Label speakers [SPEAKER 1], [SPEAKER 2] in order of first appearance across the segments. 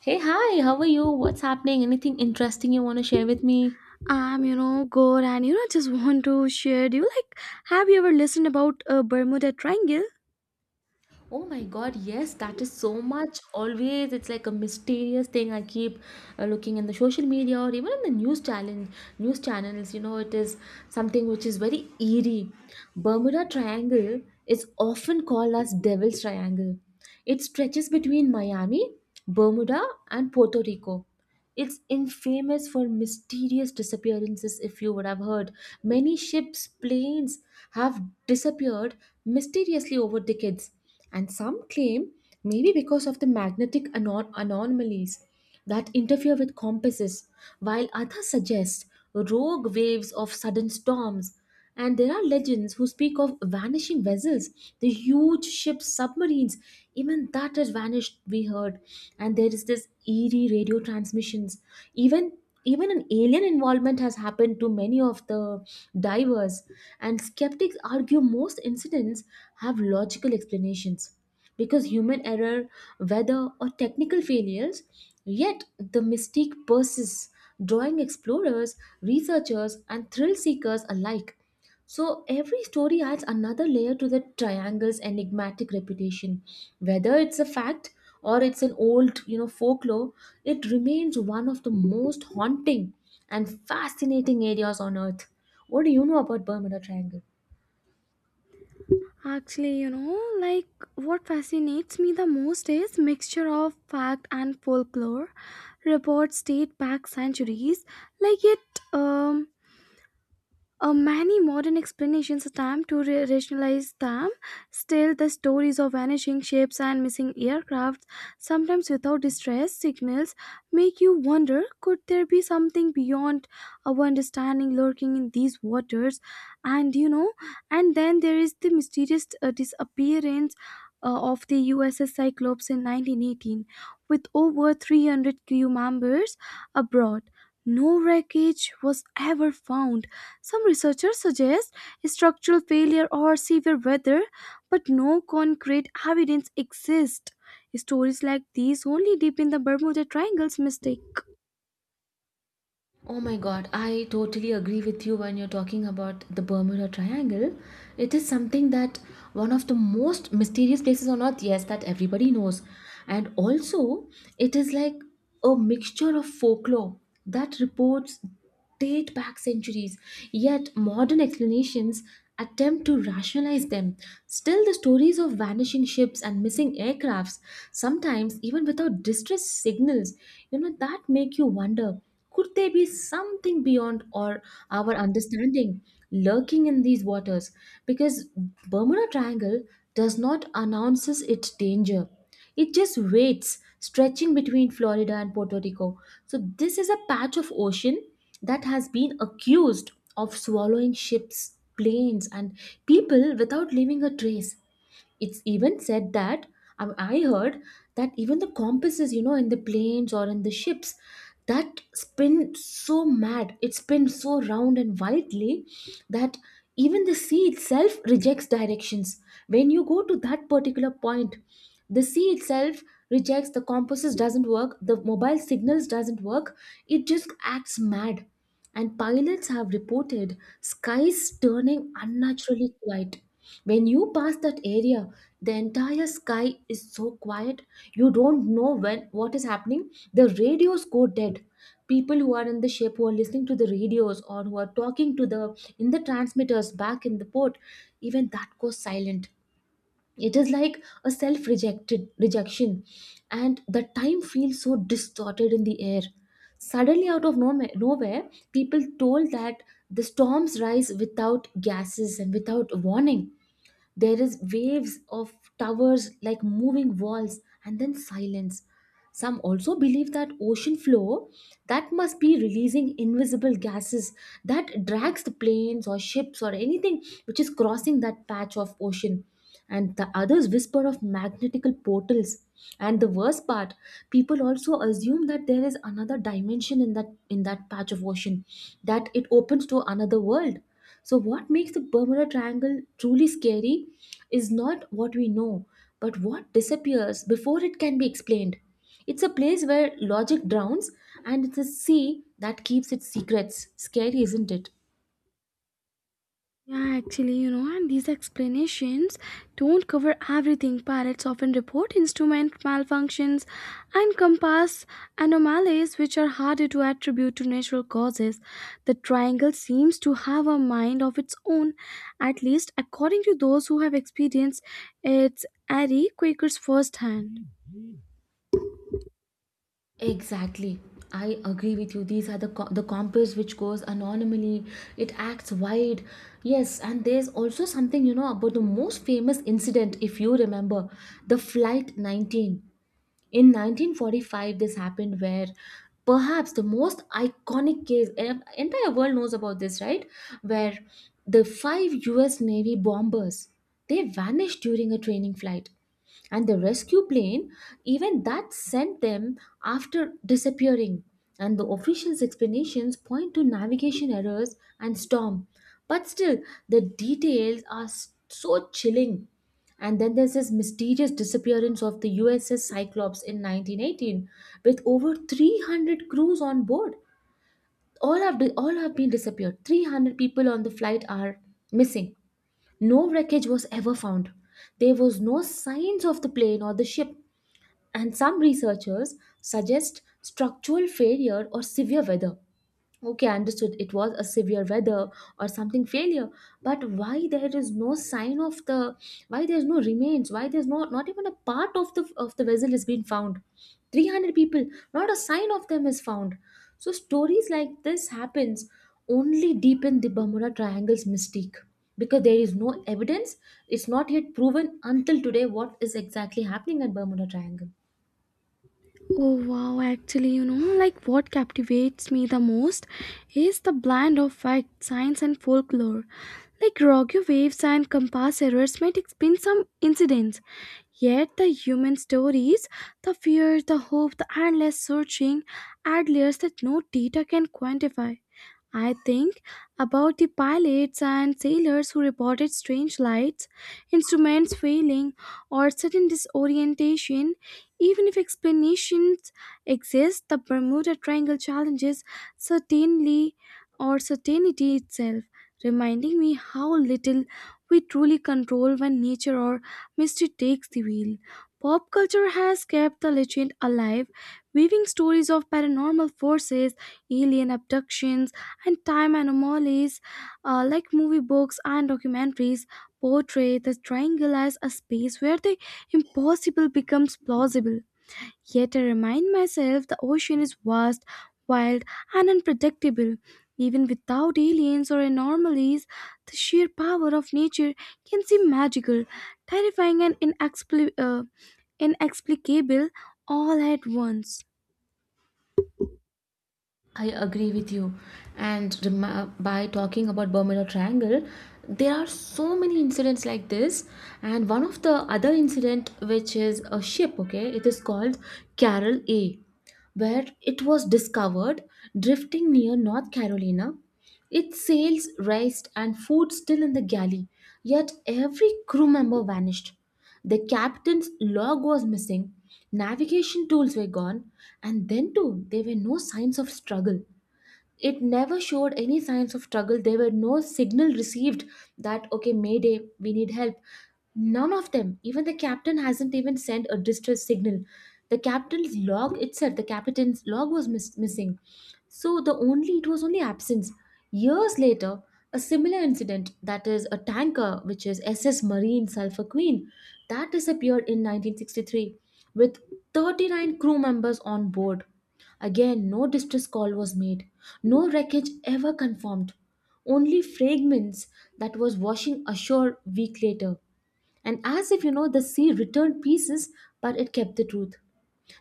[SPEAKER 1] Hey, hi, how are you? What's happening? Anything interesting you want to share with me?
[SPEAKER 2] I'm good, and just want to share. Do you like? Have you ever listened about a Bermuda Triangle?
[SPEAKER 1] Oh my god, yes, that is so much. Always, it's like a mysterious thing I keep looking in the social media or even in the news challenge, news channels. You know, it is something which is very eerie. Bermuda Triangle is often called as Devil's Triangle. It stretches between Miami, Bermuda, and Puerto Rico. It's infamous for mysterious disappearances, if you would have heard. Many ships, planes have disappeared mysteriously over decades, and some claim maybe because of the magnetic anomalies that interfere with compasses, while others suggest rogue waves of sudden storms. And there are legends who speak of vanishing vessels, the huge ships, submarines, even that has vanished, we heard. And there is this eerie radio transmissions. Even even an alien involvement has happened to many of the divers, and skeptics argue most incidents have logical explanations because human error, weather, or technical failures, yet the mystique persists, drawing explorers, researchers, and thrill seekers alike. So every story adds another layer to the triangle's enigmatic reputation. Whether it's a fact or it's an old, you know, folklore, it remains one of the most haunting and fascinating areas on earth. What do you know about Bermuda Triangle?
[SPEAKER 2] Actually, like what fascinates me the most is mixture of fact and folklore. Reports date back centuries, like it many modern explanations attempt to rationalize them. Still, the stories of vanishing ships and missing aircraft, sometimes without distress signals, make you wonder could there be something beyond our understanding lurking in these waters? And you know, and then there is the mysterious disappearance of the USS Cyclops in 1918, with over 300 crew members abroad. No wreckage was ever found. Some researchers suggest structural failure or severe weather, but no concrete evidence exists. Stories like these only deepen the Bermuda Triangle's mistake.
[SPEAKER 1] Oh my God, I totally agree with you when you're talking about the Bermuda Triangle. It is something that one of the most mysterious places on earth, yes, that everybody knows. And also, it is like a mixture of folklore that reports date back centuries, yet modern explanations attempt to rationalize them. Still, the stories of vanishing ships and missing aircrafts, sometimes even without distress signals, you know, that make you wonder could there be something beyond or our understanding lurking in these waters? Because Bermuda Triangle does not announces its danger. It just waits, stretching between Florida and Puerto Rico. So this is a patch of ocean that has been accused of swallowing ships, planes, and people without leaving a trace. It's even said that I heard that even the compasses, you know, in the planes or in the ships, that spin so mad, it spins so round and wildly that even the sea itself rejects directions. When you go to that particular point, the sea itself rejects the compasses doesn't work, the mobile signals doesn't work. It just acts mad and pilots have reported skies turning unnaturally quiet. When you pass that area, the entire sky is so quiet, you don't know when what is happening. The radios go dead. People who are in the ship who are listening to the radios or who are talking to the in the transmitters back in the port, even that goes silent. It is like a self rejected rejection, and the time feels so distorted in the air. Suddenly, out of nowhere, people told that the storms rise without gases and without warning. There is waves of towers like moving walls and then silence. Some also believe that ocean floor, that must be releasing invisible gases that drags the planes or ships or anything which is crossing that patch of ocean. And the others whisper of magnetical portals. And the worst part, people also assume that there is another dimension in that patch of ocean, that it opens to another world. So what makes the Bermuda Triangle truly scary is not what we know, but what disappears before it can be explained. It's a place where logic drowns, and it's a sea that keeps its secrets. Scary, isn't it?
[SPEAKER 2] Yeah, actually, and these explanations don't cover everything. Pilots often report instrument malfunctions and compass anomalies, which are harder to attribute to natural causes. The triangle seems to have a mind of its own, at least according to those who have experienced its airy quakers firsthand.
[SPEAKER 1] Exactly. I agree with you. These are the compass which goes anonymously. It acts wide. Yes, and there's also something you know about the most famous incident if you remember, the flight 19. In 1945, this happened where perhaps the most iconic case, entire world knows about this, right? Where the five US Navy bombers, they vanished during a training flight. And the rescue plane, even that sent them after disappearing. And the officials' explanations point to navigation errors and storm. But still, the details are so chilling, and then there's this mysterious disappearance of the USS Cyclops in 1918 with over 300 crews on board. All have been disappeared. 300 people on the flight are missing. No wreckage was ever found. There was no signs of the plane or the ship. And some researchers suggest structural failure or severe weather. Okay, I understood, it was a severe weather or something failure, but why there is no sign of the, why there's no remains, why there's no not even a part of the vessel has been found? 300 people, not a sign of them is found. So stories like this happens only deepen the Bermuda Triangle's mystique because there is no evidence. It's not yet proven until today what is exactly happening at Bermuda Triangle.
[SPEAKER 2] Oh wow, actually, like what captivates me the most is the blend of fact, science, and folklore. Like rogue waves and compass errors might explain some incidents, yet the human stories, the fear, the hope, the endless searching add layers that no data can quantify. I think about the pilots and sailors who reported strange lights, instruments failing, or sudden disorientation. Even if explanations exist, the Bermuda Triangle challenges certainly or certainty itself, reminding me how little we truly control when nature or mystery takes the wheel. Pop culture has kept the legend alive, weaving stories of paranormal forces, alien abductions, and time anomalies. Like movie books and documentaries portray the triangle as a space where the impossible becomes plausible. Yet I remind myself the ocean is vast, wild, and unpredictable. Even without aliens or anomalies, the sheer power of nature can seem magical, terrifying, and inexplicable all at once.
[SPEAKER 1] I agree with you. And by talking about Bermuda Triangle, there are so many incidents like this. And one of the other incident, which is a ship, okay, it is called Carol A, where it was discovered drifting near North Carolina. Its sails raised and food still in the galley, yet every crew member vanished. The captain's log was missing, navigation tools were gone, and then too, there were no signs of struggle. It never showed any signs of struggle. There were no signal received that okay mayday we need help. None of them, even the captain hasn't even sent a distress signal. The captain's log itself, the captain's log was missing. So the only, it was only absence. Years later, a similar incident, that is a tanker which is SS Marine Sulphur Queen, that disappeared in 1963 with 39 crew members on board. Again, no distress call was made, no wreckage ever confirmed, only fragments that was washing ashore week later. And as if you know, the sea returned pieces, but it kept the truth.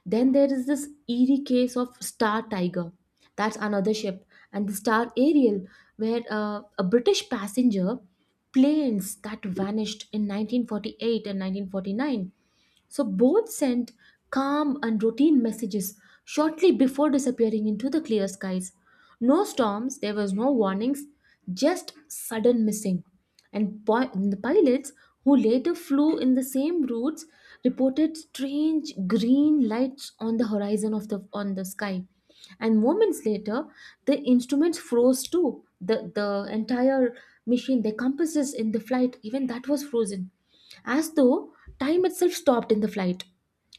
[SPEAKER 1] Then there is this eerie case of Star Tiger. That's another ship, and the Star Ariel, where a British passenger planes that vanished in 1948 and 1949. So both sent calm and routine messages shortly before disappearing into the clear skies. No storms, there was no warnings, just sudden missing. And the pilots who later flew in the same routes reported strange green lights on the horizon of the on the sky. And moments later, the instruments froze too. The entire machine, the compasses in the flight, even that was frozen as though time itself stopped in the flight.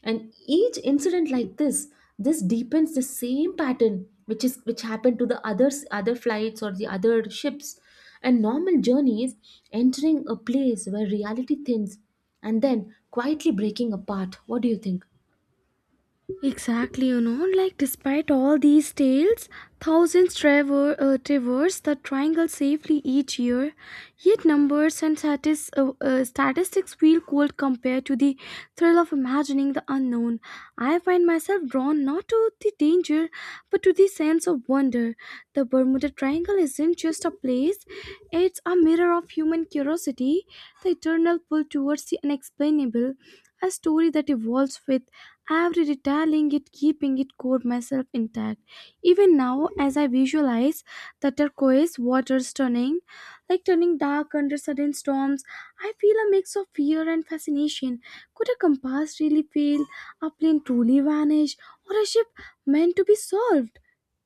[SPEAKER 1] And each incident like this deepens the same pattern which is which happened to the others other flights or the other ships. And normal journeys entering a place where reality thins and then quietly breaking apart. What do you think?
[SPEAKER 2] Exactly, like despite all these tales, thousands traverse the triangle safely each year, yet numbers and statistics feel cold compared to the thrill of imagining the unknown. I find myself drawn not to the danger, but to the sense of wonder. The Bermuda Triangle isn't just a place, it's a mirror of human curiosity, the eternal pull towards the unexplainable, a story that evolves with every detailing it, keeping it core myself intact. Even now, as I visualize the turquoise waters turning, like turning dark under sudden storms, I feel a mix of fear and fascination. Could a compass really fail, a plane truly vanish, or a ship meant to be solved?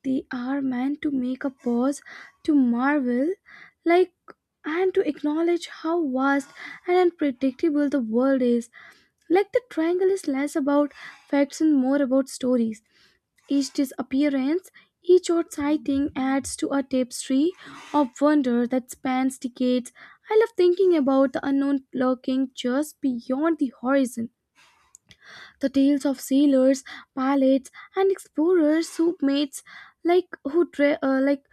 [SPEAKER 2] They are meant to make a pause, to marvel, like and to acknowledge how vast and unpredictable the world is, like the triangle is less about facts and more about stories. Each disappearance, each odd sighting adds to a tapestry of wonder that spans decades. I love thinking about the unknown lurking just beyond the horizon. The tales of sailors, pilots, and explorers who mates like who dra- uh, like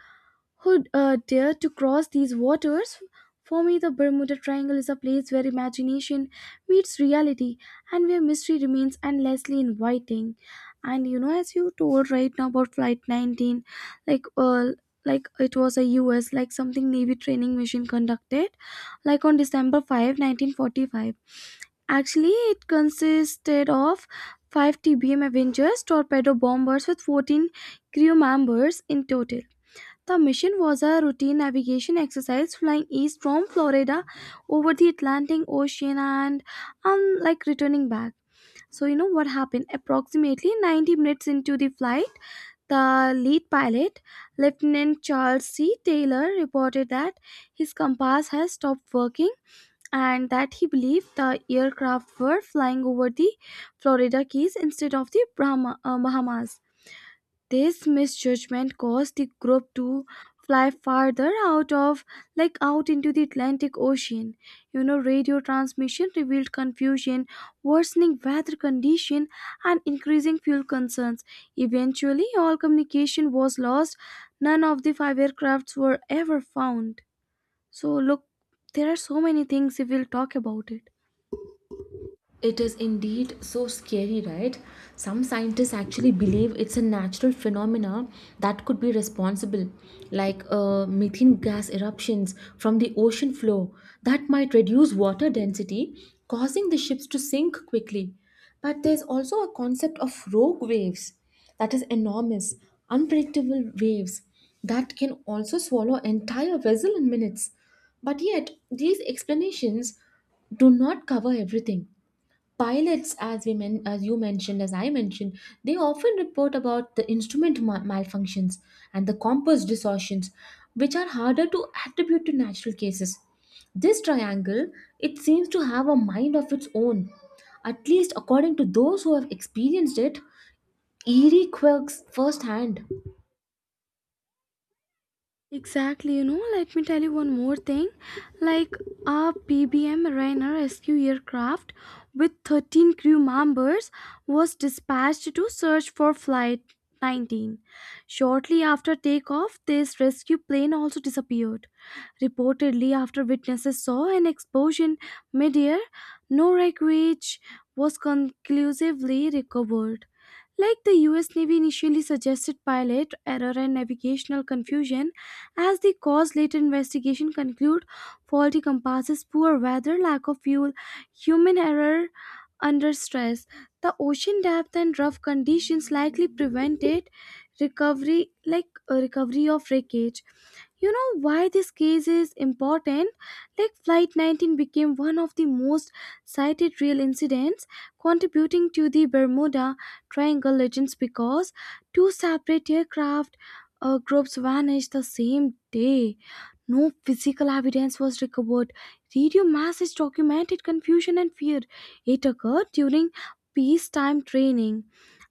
[SPEAKER 2] who uh, dare to cross these waters? For me, the Bermuda Triangle is a place where imagination meets reality and where mystery remains endlessly inviting. And as you told right now about Flight 19, like uh, like it was a U.S. like something Navy training mission conducted, like on December 5, 1945. Actually, it consisted of five TBM Avengers torpedo bombers with 14 crew members in total. The mission was a routine navigation exercise flying east from Florida over the Atlantic Ocean and like returning back. So, you know what happened? Approximately 90 minutes into the flight, the lead pilot, Lieutenant Charles C. Taylor, reported that his compass has stopped working and that he believed the aircraft were flying over the Florida Keys instead of the Bahamas. This misjudgment caused the group to fly farther out of like out into the Atlantic Ocean. Radio transmission revealed confusion, worsening weather condition and increasing fuel concerns. Eventually, all communication was lost. None of the five aircrafts were ever found. So look, there are so many things if we'll talk about it.
[SPEAKER 1] It is indeed so scary, right? Some scientists actually believe it's a natural phenomena that could be responsible, like methane gas eruptions from the ocean floor that might reduce water density, causing the ships to sink quickly. But there's also a concept of rogue waves, that is enormous, unpredictable waves that can also swallow entire vessel in minutes. But yet, these explanations do not cover everything. Pilots as you mentioned as I mentioned, they often report about the instrument malfunctions and the compass distortions which are harder to attribute to natural cases. This triangle, it seems to have a mind of its own, at least according to those who have experienced it eerie quirks firsthand.
[SPEAKER 2] Exactly, let me tell you one more thing. Like a PBM Rainer rescue aircraft with 13 crew members was dispatched to search for Flight 19. Shortly after takeoff, this rescue plane also disappeared. Reportedly, after witnesses saw an explosion midair, no wreckage was conclusively recovered. Like the US Navy initially suggested pilot error and navigational confusion as the cause, later investigation conclude faulty compasses, poor weather, lack of fuel, human error under stress. The ocean depth and rough conditions likely prevented recovery, like recovery of wreckage. You know why this case is important? Like Flight 19 became one of the most cited real incidents contributing to the Bermuda Triangle legends because two separate aircraft groups vanished the same day. No physical evidence was recovered. Radio messages documented confusion and fear. It occurred during peacetime training.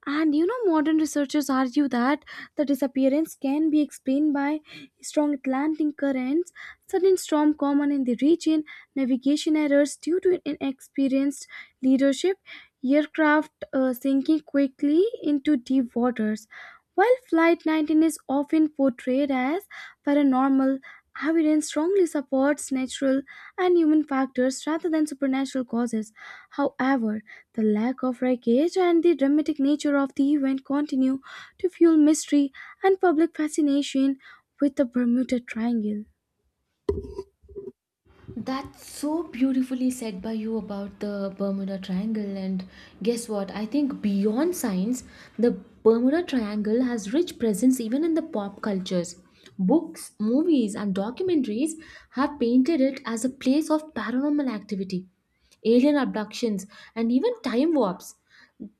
[SPEAKER 2] And modern researchers argue that the disappearance can be explained by strong Atlantic currents, sudden storm common in the region, navigation errors due to inexperienced leadership, aircraft sinking quickly into deep waters. While Flight 19 is often portrayed as paranormal, evidence strongly supports natural and human factors rather than supernatural causes. However, the lack of wreckage and the dramatic nature of the event continue to fuel mystery and public fascination with the Bermuda Triangle.
[SPEAKER 1] That's so beautifully said by you about the Bermuda Triangle. And guess what? I think beyond science, the Bermuda Triangle has rich presence even in the pop cultures. Books, movies, and documentaries have painted it as a place of paranormal activity, alien abductions, and even time warps.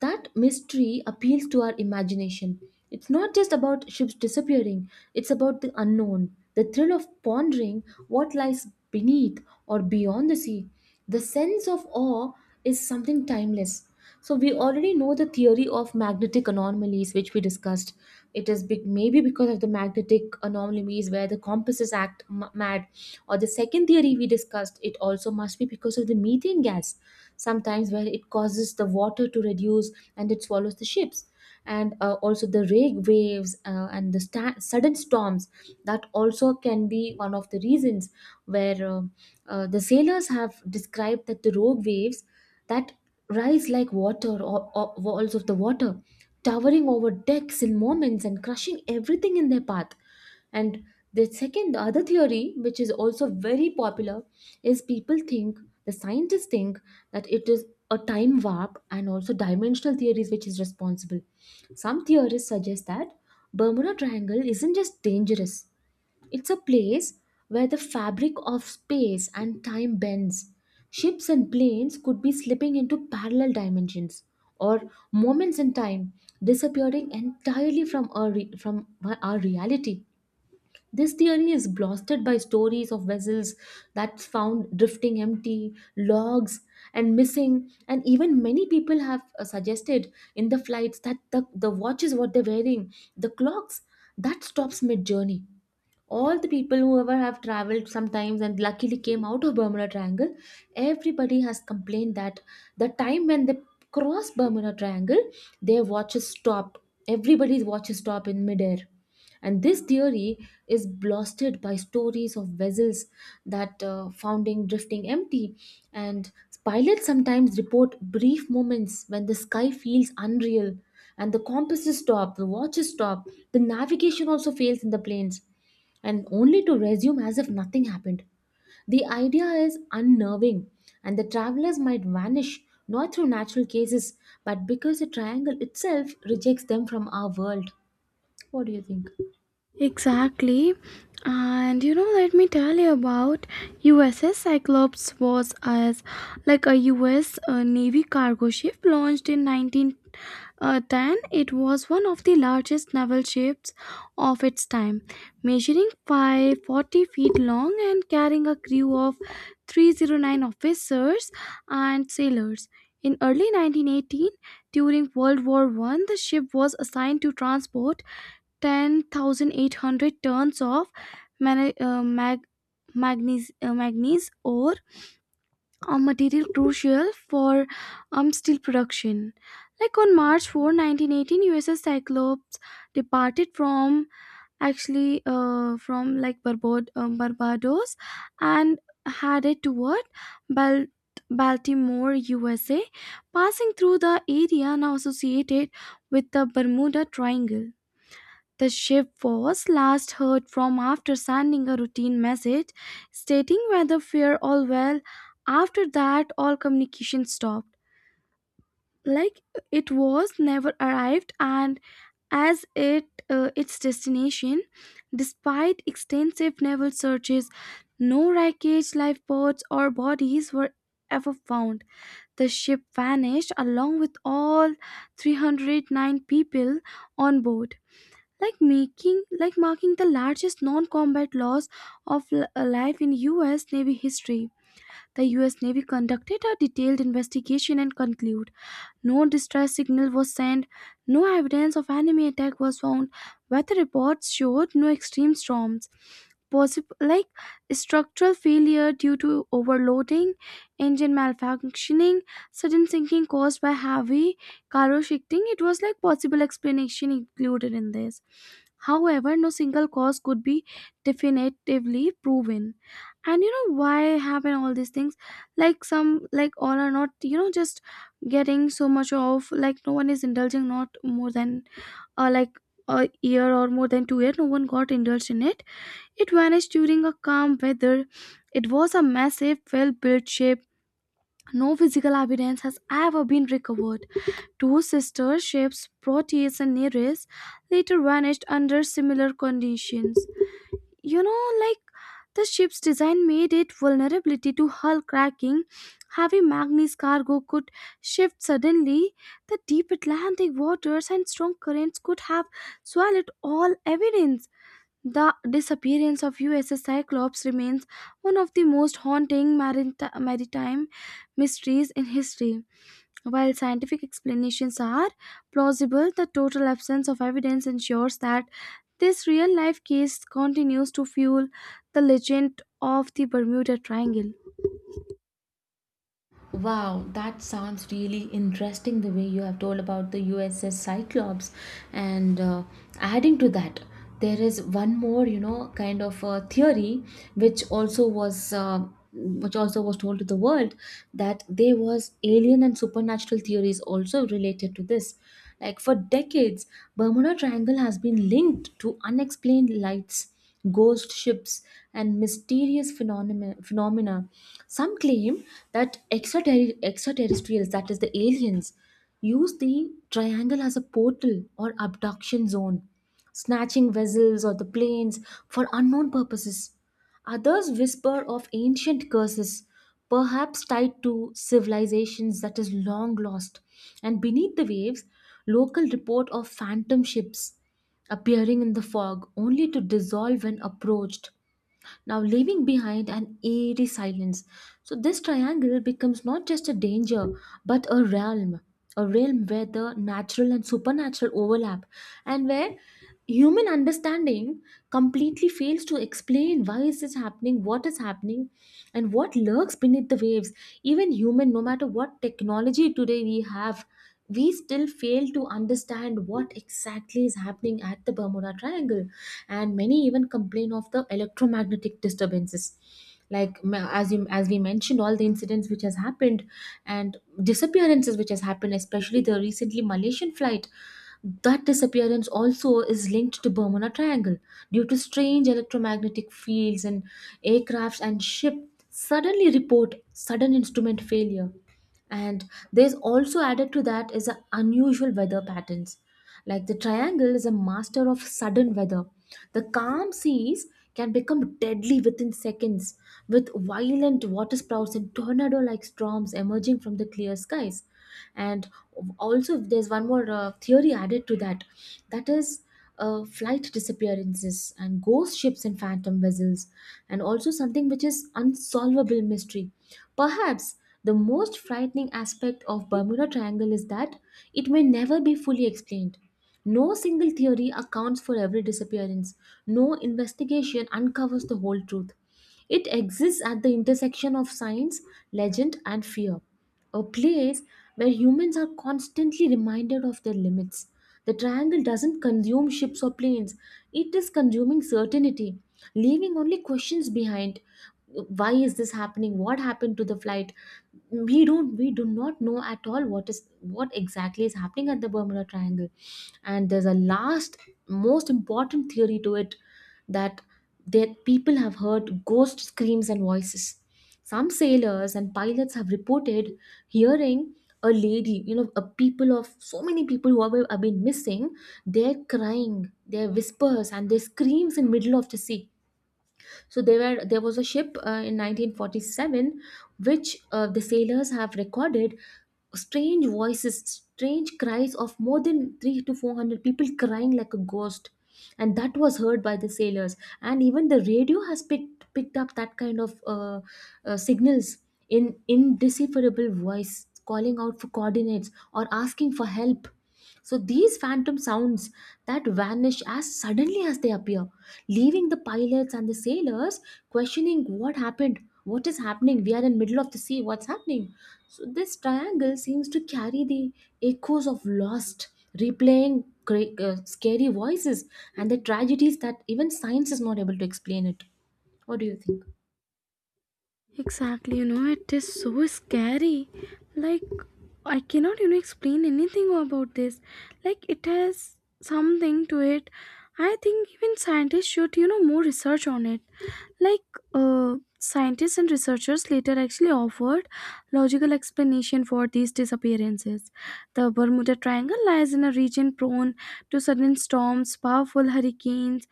[SPEAKER 1] That mystery appeals to our imagination. It's not just about ships disappearing, it's about the unknown, the thrill of pondering what lies beneath or beyond the sea. The sense of awe is something timeless. So we already know the theory of magnetic anomalies, which we discussed. It is big, maybe because of the magnetic anomalies where the compasses act mad, or the second theory we discussed. It also must be because of the methane gas, sometimes where it causes the water to reduce and it swallows the ships, and also the rag waves and the sudden storms. That also can be one of the reasons where the sailors have described that the rogue waves that rise like water or walls of the water, towering over decks in moments and crushing everything in their path. And the second, the other theory, which is also very popular, is people think, the scientists think, that it is a time warp and also dimensional theories which is responsible. Some theorists suggest that Bermuda Triangle isn't just dangerous, it's a place where the fabric of space and time bends. Ships and planes could be slipping into parallel dimensions or moments in time disappearing entirely from our reality. This theory is blasted by stories of vessels that found drifting empty, logs, and missing. And even many people have suggested in the flights that the watches what they're wearing, the clocks, that stops mid journey all the people who ever have traveled sometimes and luckily came out of Bermuda Triangle, everybody has complained that the time when they cross Bermuda Triangle, their watches stop. Everybody's watches stop in midair. And this theory is blasted by stories of vessels that founding drifting empty. And pilots sometimes report brief moments when the sky feels unreal and the compasses stop, the watches stop, the navigation also fails in the planes and only to resume as if nothing happened. The idea is unnerving, and the travelers might vanish not through natural cases but because the triangle itself rejects them from our world. What do you think?
[SPEAKER 2] Exactly. And let me tell you about USS Cyclops was as like a US Navy cargo ship launched in 1910. It was one of the largest naval ships of its time, measuring 540 feet long and carrying a crew of 309 officers and sailors. In early 1918, during World War I, the ship was assigned to transport 10,800 tons of man- uh, mag- manganese ore, a material crucial for steel production. Like on March 4, 1918, USS Cyclops departed from actually from like Barbados and headed toward Bal- Baltimore, USA, passing through the area now associated with the Bermuda Triangle. The ship was last heard from after sending a routine message stating weather fair all well. After that, all communication stopped. Like it was never arrived, and as it its destination, despite extensive naval searches, no wreckage, lifeboats, or bodies were ever found. The ship vanished along with all 309 people on board, like making like marking the largest non-combat loss of life in US Navy history. The US Navy conducted a detailed investigation and concluded no distress signal was sent. No evidence of enemy attack was found. Weather reports showed no extreme storms. Possible like structural failure due to overloading, engine malfunctioning, sudden sinking caused by heavy cargo shifting. It was like possible explanation included in this. However, no single cause could be definitively proven. And you know why happen all these things? Like some, like all are not, just getting so much of like no one is indulging not more than like a year or more than 2 year. No one got indulged in it. It vanished during a calm weather. It was a massive well-built ship. No physical evidence has ever been recovered. Two sister ships Proteus and Nereus later vanished under similar conditions. Like the ship's design made it vulnerability to hull cracking. Heavy Magnes cargo could shift suddenly. The deep Atlantic waters and strong currents could have swallowed all evidence. The disappearance of USS Cyclops remains one of the most haunting maritime mysteries in history. While scientific explanations are plausible, the total absence of evidence ensures that this real life case continues to fuel the legend of the Bermuda Triangle.
[SPEAKER 1] Wow, that sounds really interesting the way you have told about the USS Cyclops. And adding to that, there is one more, you know, kind of theory which also was told to the world that there was alien and supernatural theories also related to this, like for decades Bermuda Triangle has been linked to unexplained lights, ghost ships, and mysterious phenomena. Some claim that extraterrestrials, that is, the aliens, use the triangle as a portal or abduction zone, snatching vessels or the planes for unknown purposes. Others whisper of ancient curses, perhaps tied to civilizations that is long lost. And beneath the waves, local report of phantom ships appearing in the fog only to dissolve when approached, now leaving behind an eerie silence. So, this triangle becomes not just a danger but a realm where the natural and supernatural overlap, and where human understanding completely fails to explain why is this happening, what is happening, and what lurks beneath the waves. Even human, no matter what technology today we have, we still fail to understand what exactly is happening at the Bermuda Triangle. And many even complain of the electromagnetic disturbances, like as you as we mentioned all the incidents which has happened and disappearances which has happened, especially the recently Malaysian flight, that disappearance also is linked to Bermuda Triangle due to strange electromagnetic fields, and aircrafts and ship suddenly report sudden instrument failure. And there's also added to that is the unusual weather patterns. Like the triangle is a master of sudden weather, the calm seas can become deadly within seconds, with violent water sprouts and tornado like storms emerging from the clear skies. And also there's one more theory added to that, that is, flight disappearances and ghost ships and phantom vessels, and also something which is unsolvable mystery. Perhaps the most frightening aspect of Bermuda Triangle is that it may never be fully explained. No single theory accounts for every disappearance. No investigation uncovers the whole truth. It exists at the intersection of science, legend, and fear, a place where humans are constantly reminded of their limits. The triangle doesn't consume ships or planes, it is consuming certainty, leaving only questions behind. Why is this happening? What happened to the flight? We do not know at all what is, what exactly is happening at the Bermuda Triangle. And there's a last, most important theory to it, that that people have heard ghost screams and voices. Some sailors and pilots have reported hearing a lady, you know, a people of so many people who have been missing, their crying, their whispers, and their screams in middle of the sea. So there was a ship in 1947 which the sailors have recorded strange voices, strange cries of more than three to four hundred people crying like a ghost, and that was heard by the sailors. And even the radio has picked up that kind of signals in indecipherable voice, calling out for coordinates or asking for help. So these phantom sounds that vanish as suddenly as they appear, leaving the pilots and the sailors questioning what happened, what is happening, we are in middle of the sea, what's happening? So this triangle seems to carry the echoes of lost, replaying scary voices and the tragedies that even science is not able to explain it. What do you think?
[SPEAKER 2] Exactly, it is so scary. Like, I cannot, explain anything about this. Like, it has something to it. I think even scientists should, more research on it. Like, scientists and researchers later actually offered logical explanation for these disappearances. The Bermuda Triangle lies in a region prone to sudden storms, powerful hurricanes,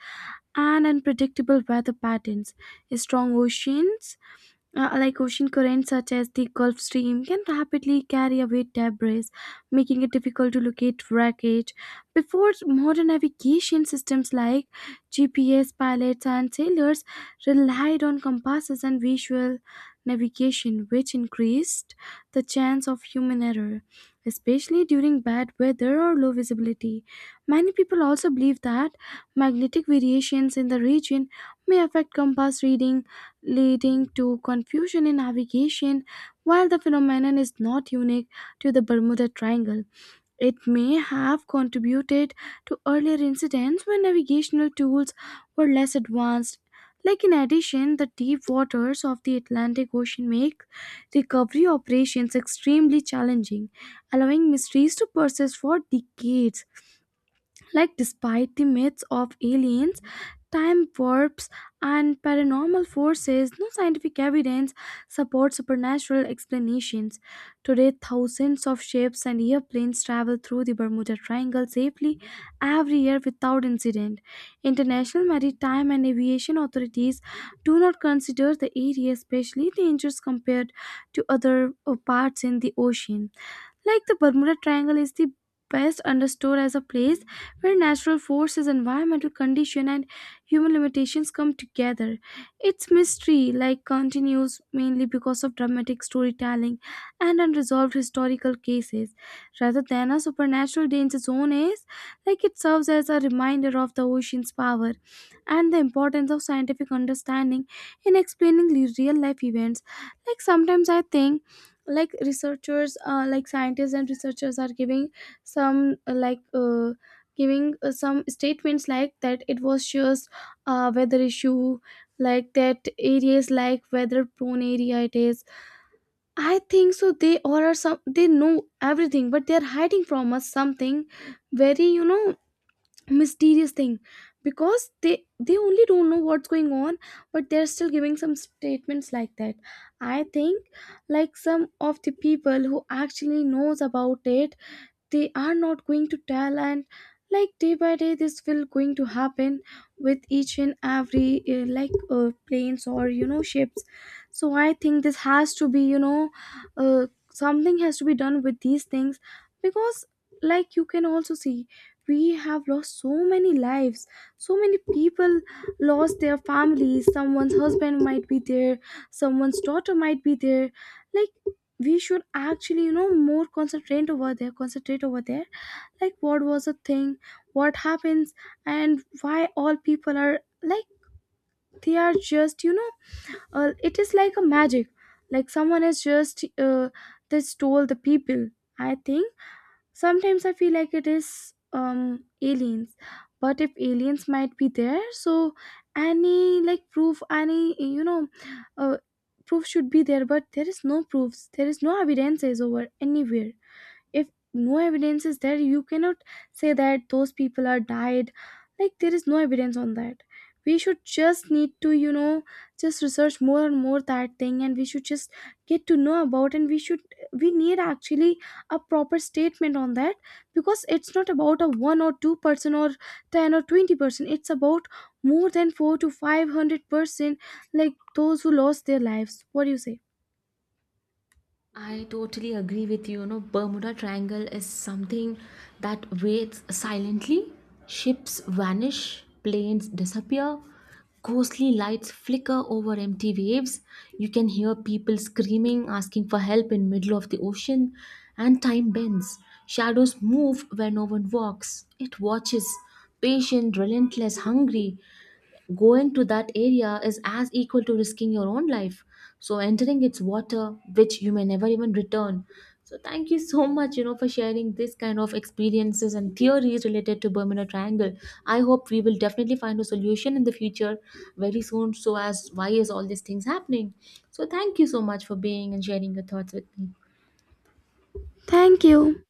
[SPEAKER 2] and unpredictable weather patterns. Strong oceans like ocean currents such as the Gulf Stream can rapidly carry away debris, making it difficult to locate wreckage. Before modern navigation systems like GPS, pilots, and sailors relied on compasses and visual navigation, which increased the chance of human error, especially during bad weather or low visibility. Many people also believe that magnetic variations in the region may affect compass reading leading to confusion in navigation. While the phenomenon is not unique to the Bermuda Triangle, it may have contributed to earlier incidents when navigational tools were less advanced. Like in addition, the deep waters of the Atlantic Ocean make recovery operations extremely challenging, allowing mysteries to persist for decades. Like, despite the myths of aliens, time warps, and paranormal forces, no scientific evidence supports supernatural explanations. Today, thousands of ships and airplanes travel through the Bermuda Triangle safely every year without incident. International maritime and aviation authorities do not consider the area especially dangerous compared to other parts in the ocean. Like the Bermuda Triangle is the best understood as a place where natural forces, environmental condition and human limitations come together. Its mystery like continues mainly because of dramatic storytelling and unresolved historical cases. Rather than a supernatural danger zone is like it serves as a reminder of the ocean's power and the importance of scientific understanding in explaining real life events. Like sometimes I think like researchers like scientists and researchers are giving some like giving some statements like that it was just weather issue, like that areas like weather prone area it is. I think so they all are some, they know everything but they are hiding from us something very, mysterious thing, because they only don't know what's going on but they're still giving some statements like that. I think like some of the people who actually knows about it, they are not going to tell, and like day by day this will going to happen with each and every planes or ships. So I think this has to be, something has to be done with these things because like you can also see we have lost so many lives, so many people lost their families, someone's husband might be there, someone's daughter might be there, like we should actually, more concentrate over there, concentrate over there, like what was the thing, what happens, and why all people are like they are just, it is like a magic, like someone has just they stole the people, I think. Sometimes I feel like it is aliens, but if aliens might be there, so any like proof, any uh, proof should be there, but there is no proofs, there is no evidences over anywhere. If no evidence is there you cannot say that those people are died, like there is no evidence on that. We should just need to, just research more and more that thing, and we should just get to know about, and we should, we need actually a proper statement on that because it's not about a 1 or 2 person or 10 or 20 person. It's about more than 4 to 500%, like those who lost their lives. What do you say?
[SPEAKER 1] I totally agree with you. You know, Bermuda Triangle is something that waits silently. Ships vanish, planes disappear, ghostly lights flicker over empty waves. You can hear people screaming, asking for help in middle of the ocean, and time bends. Shadows move where no one walks. It watches, patient, relentless, hungry. Going to that area is as equal to risking your own life. So entering its water, which you may never even return. So thank you so much, you know, for sharing this kind of experiences and theories related to Bermuda Triangle. I hope we will definitely find a solution in the future very soon. So as why is all these things happening? So thank you so much for being and sharing your thoughts with me.
[SPEAKER 2] Thank you.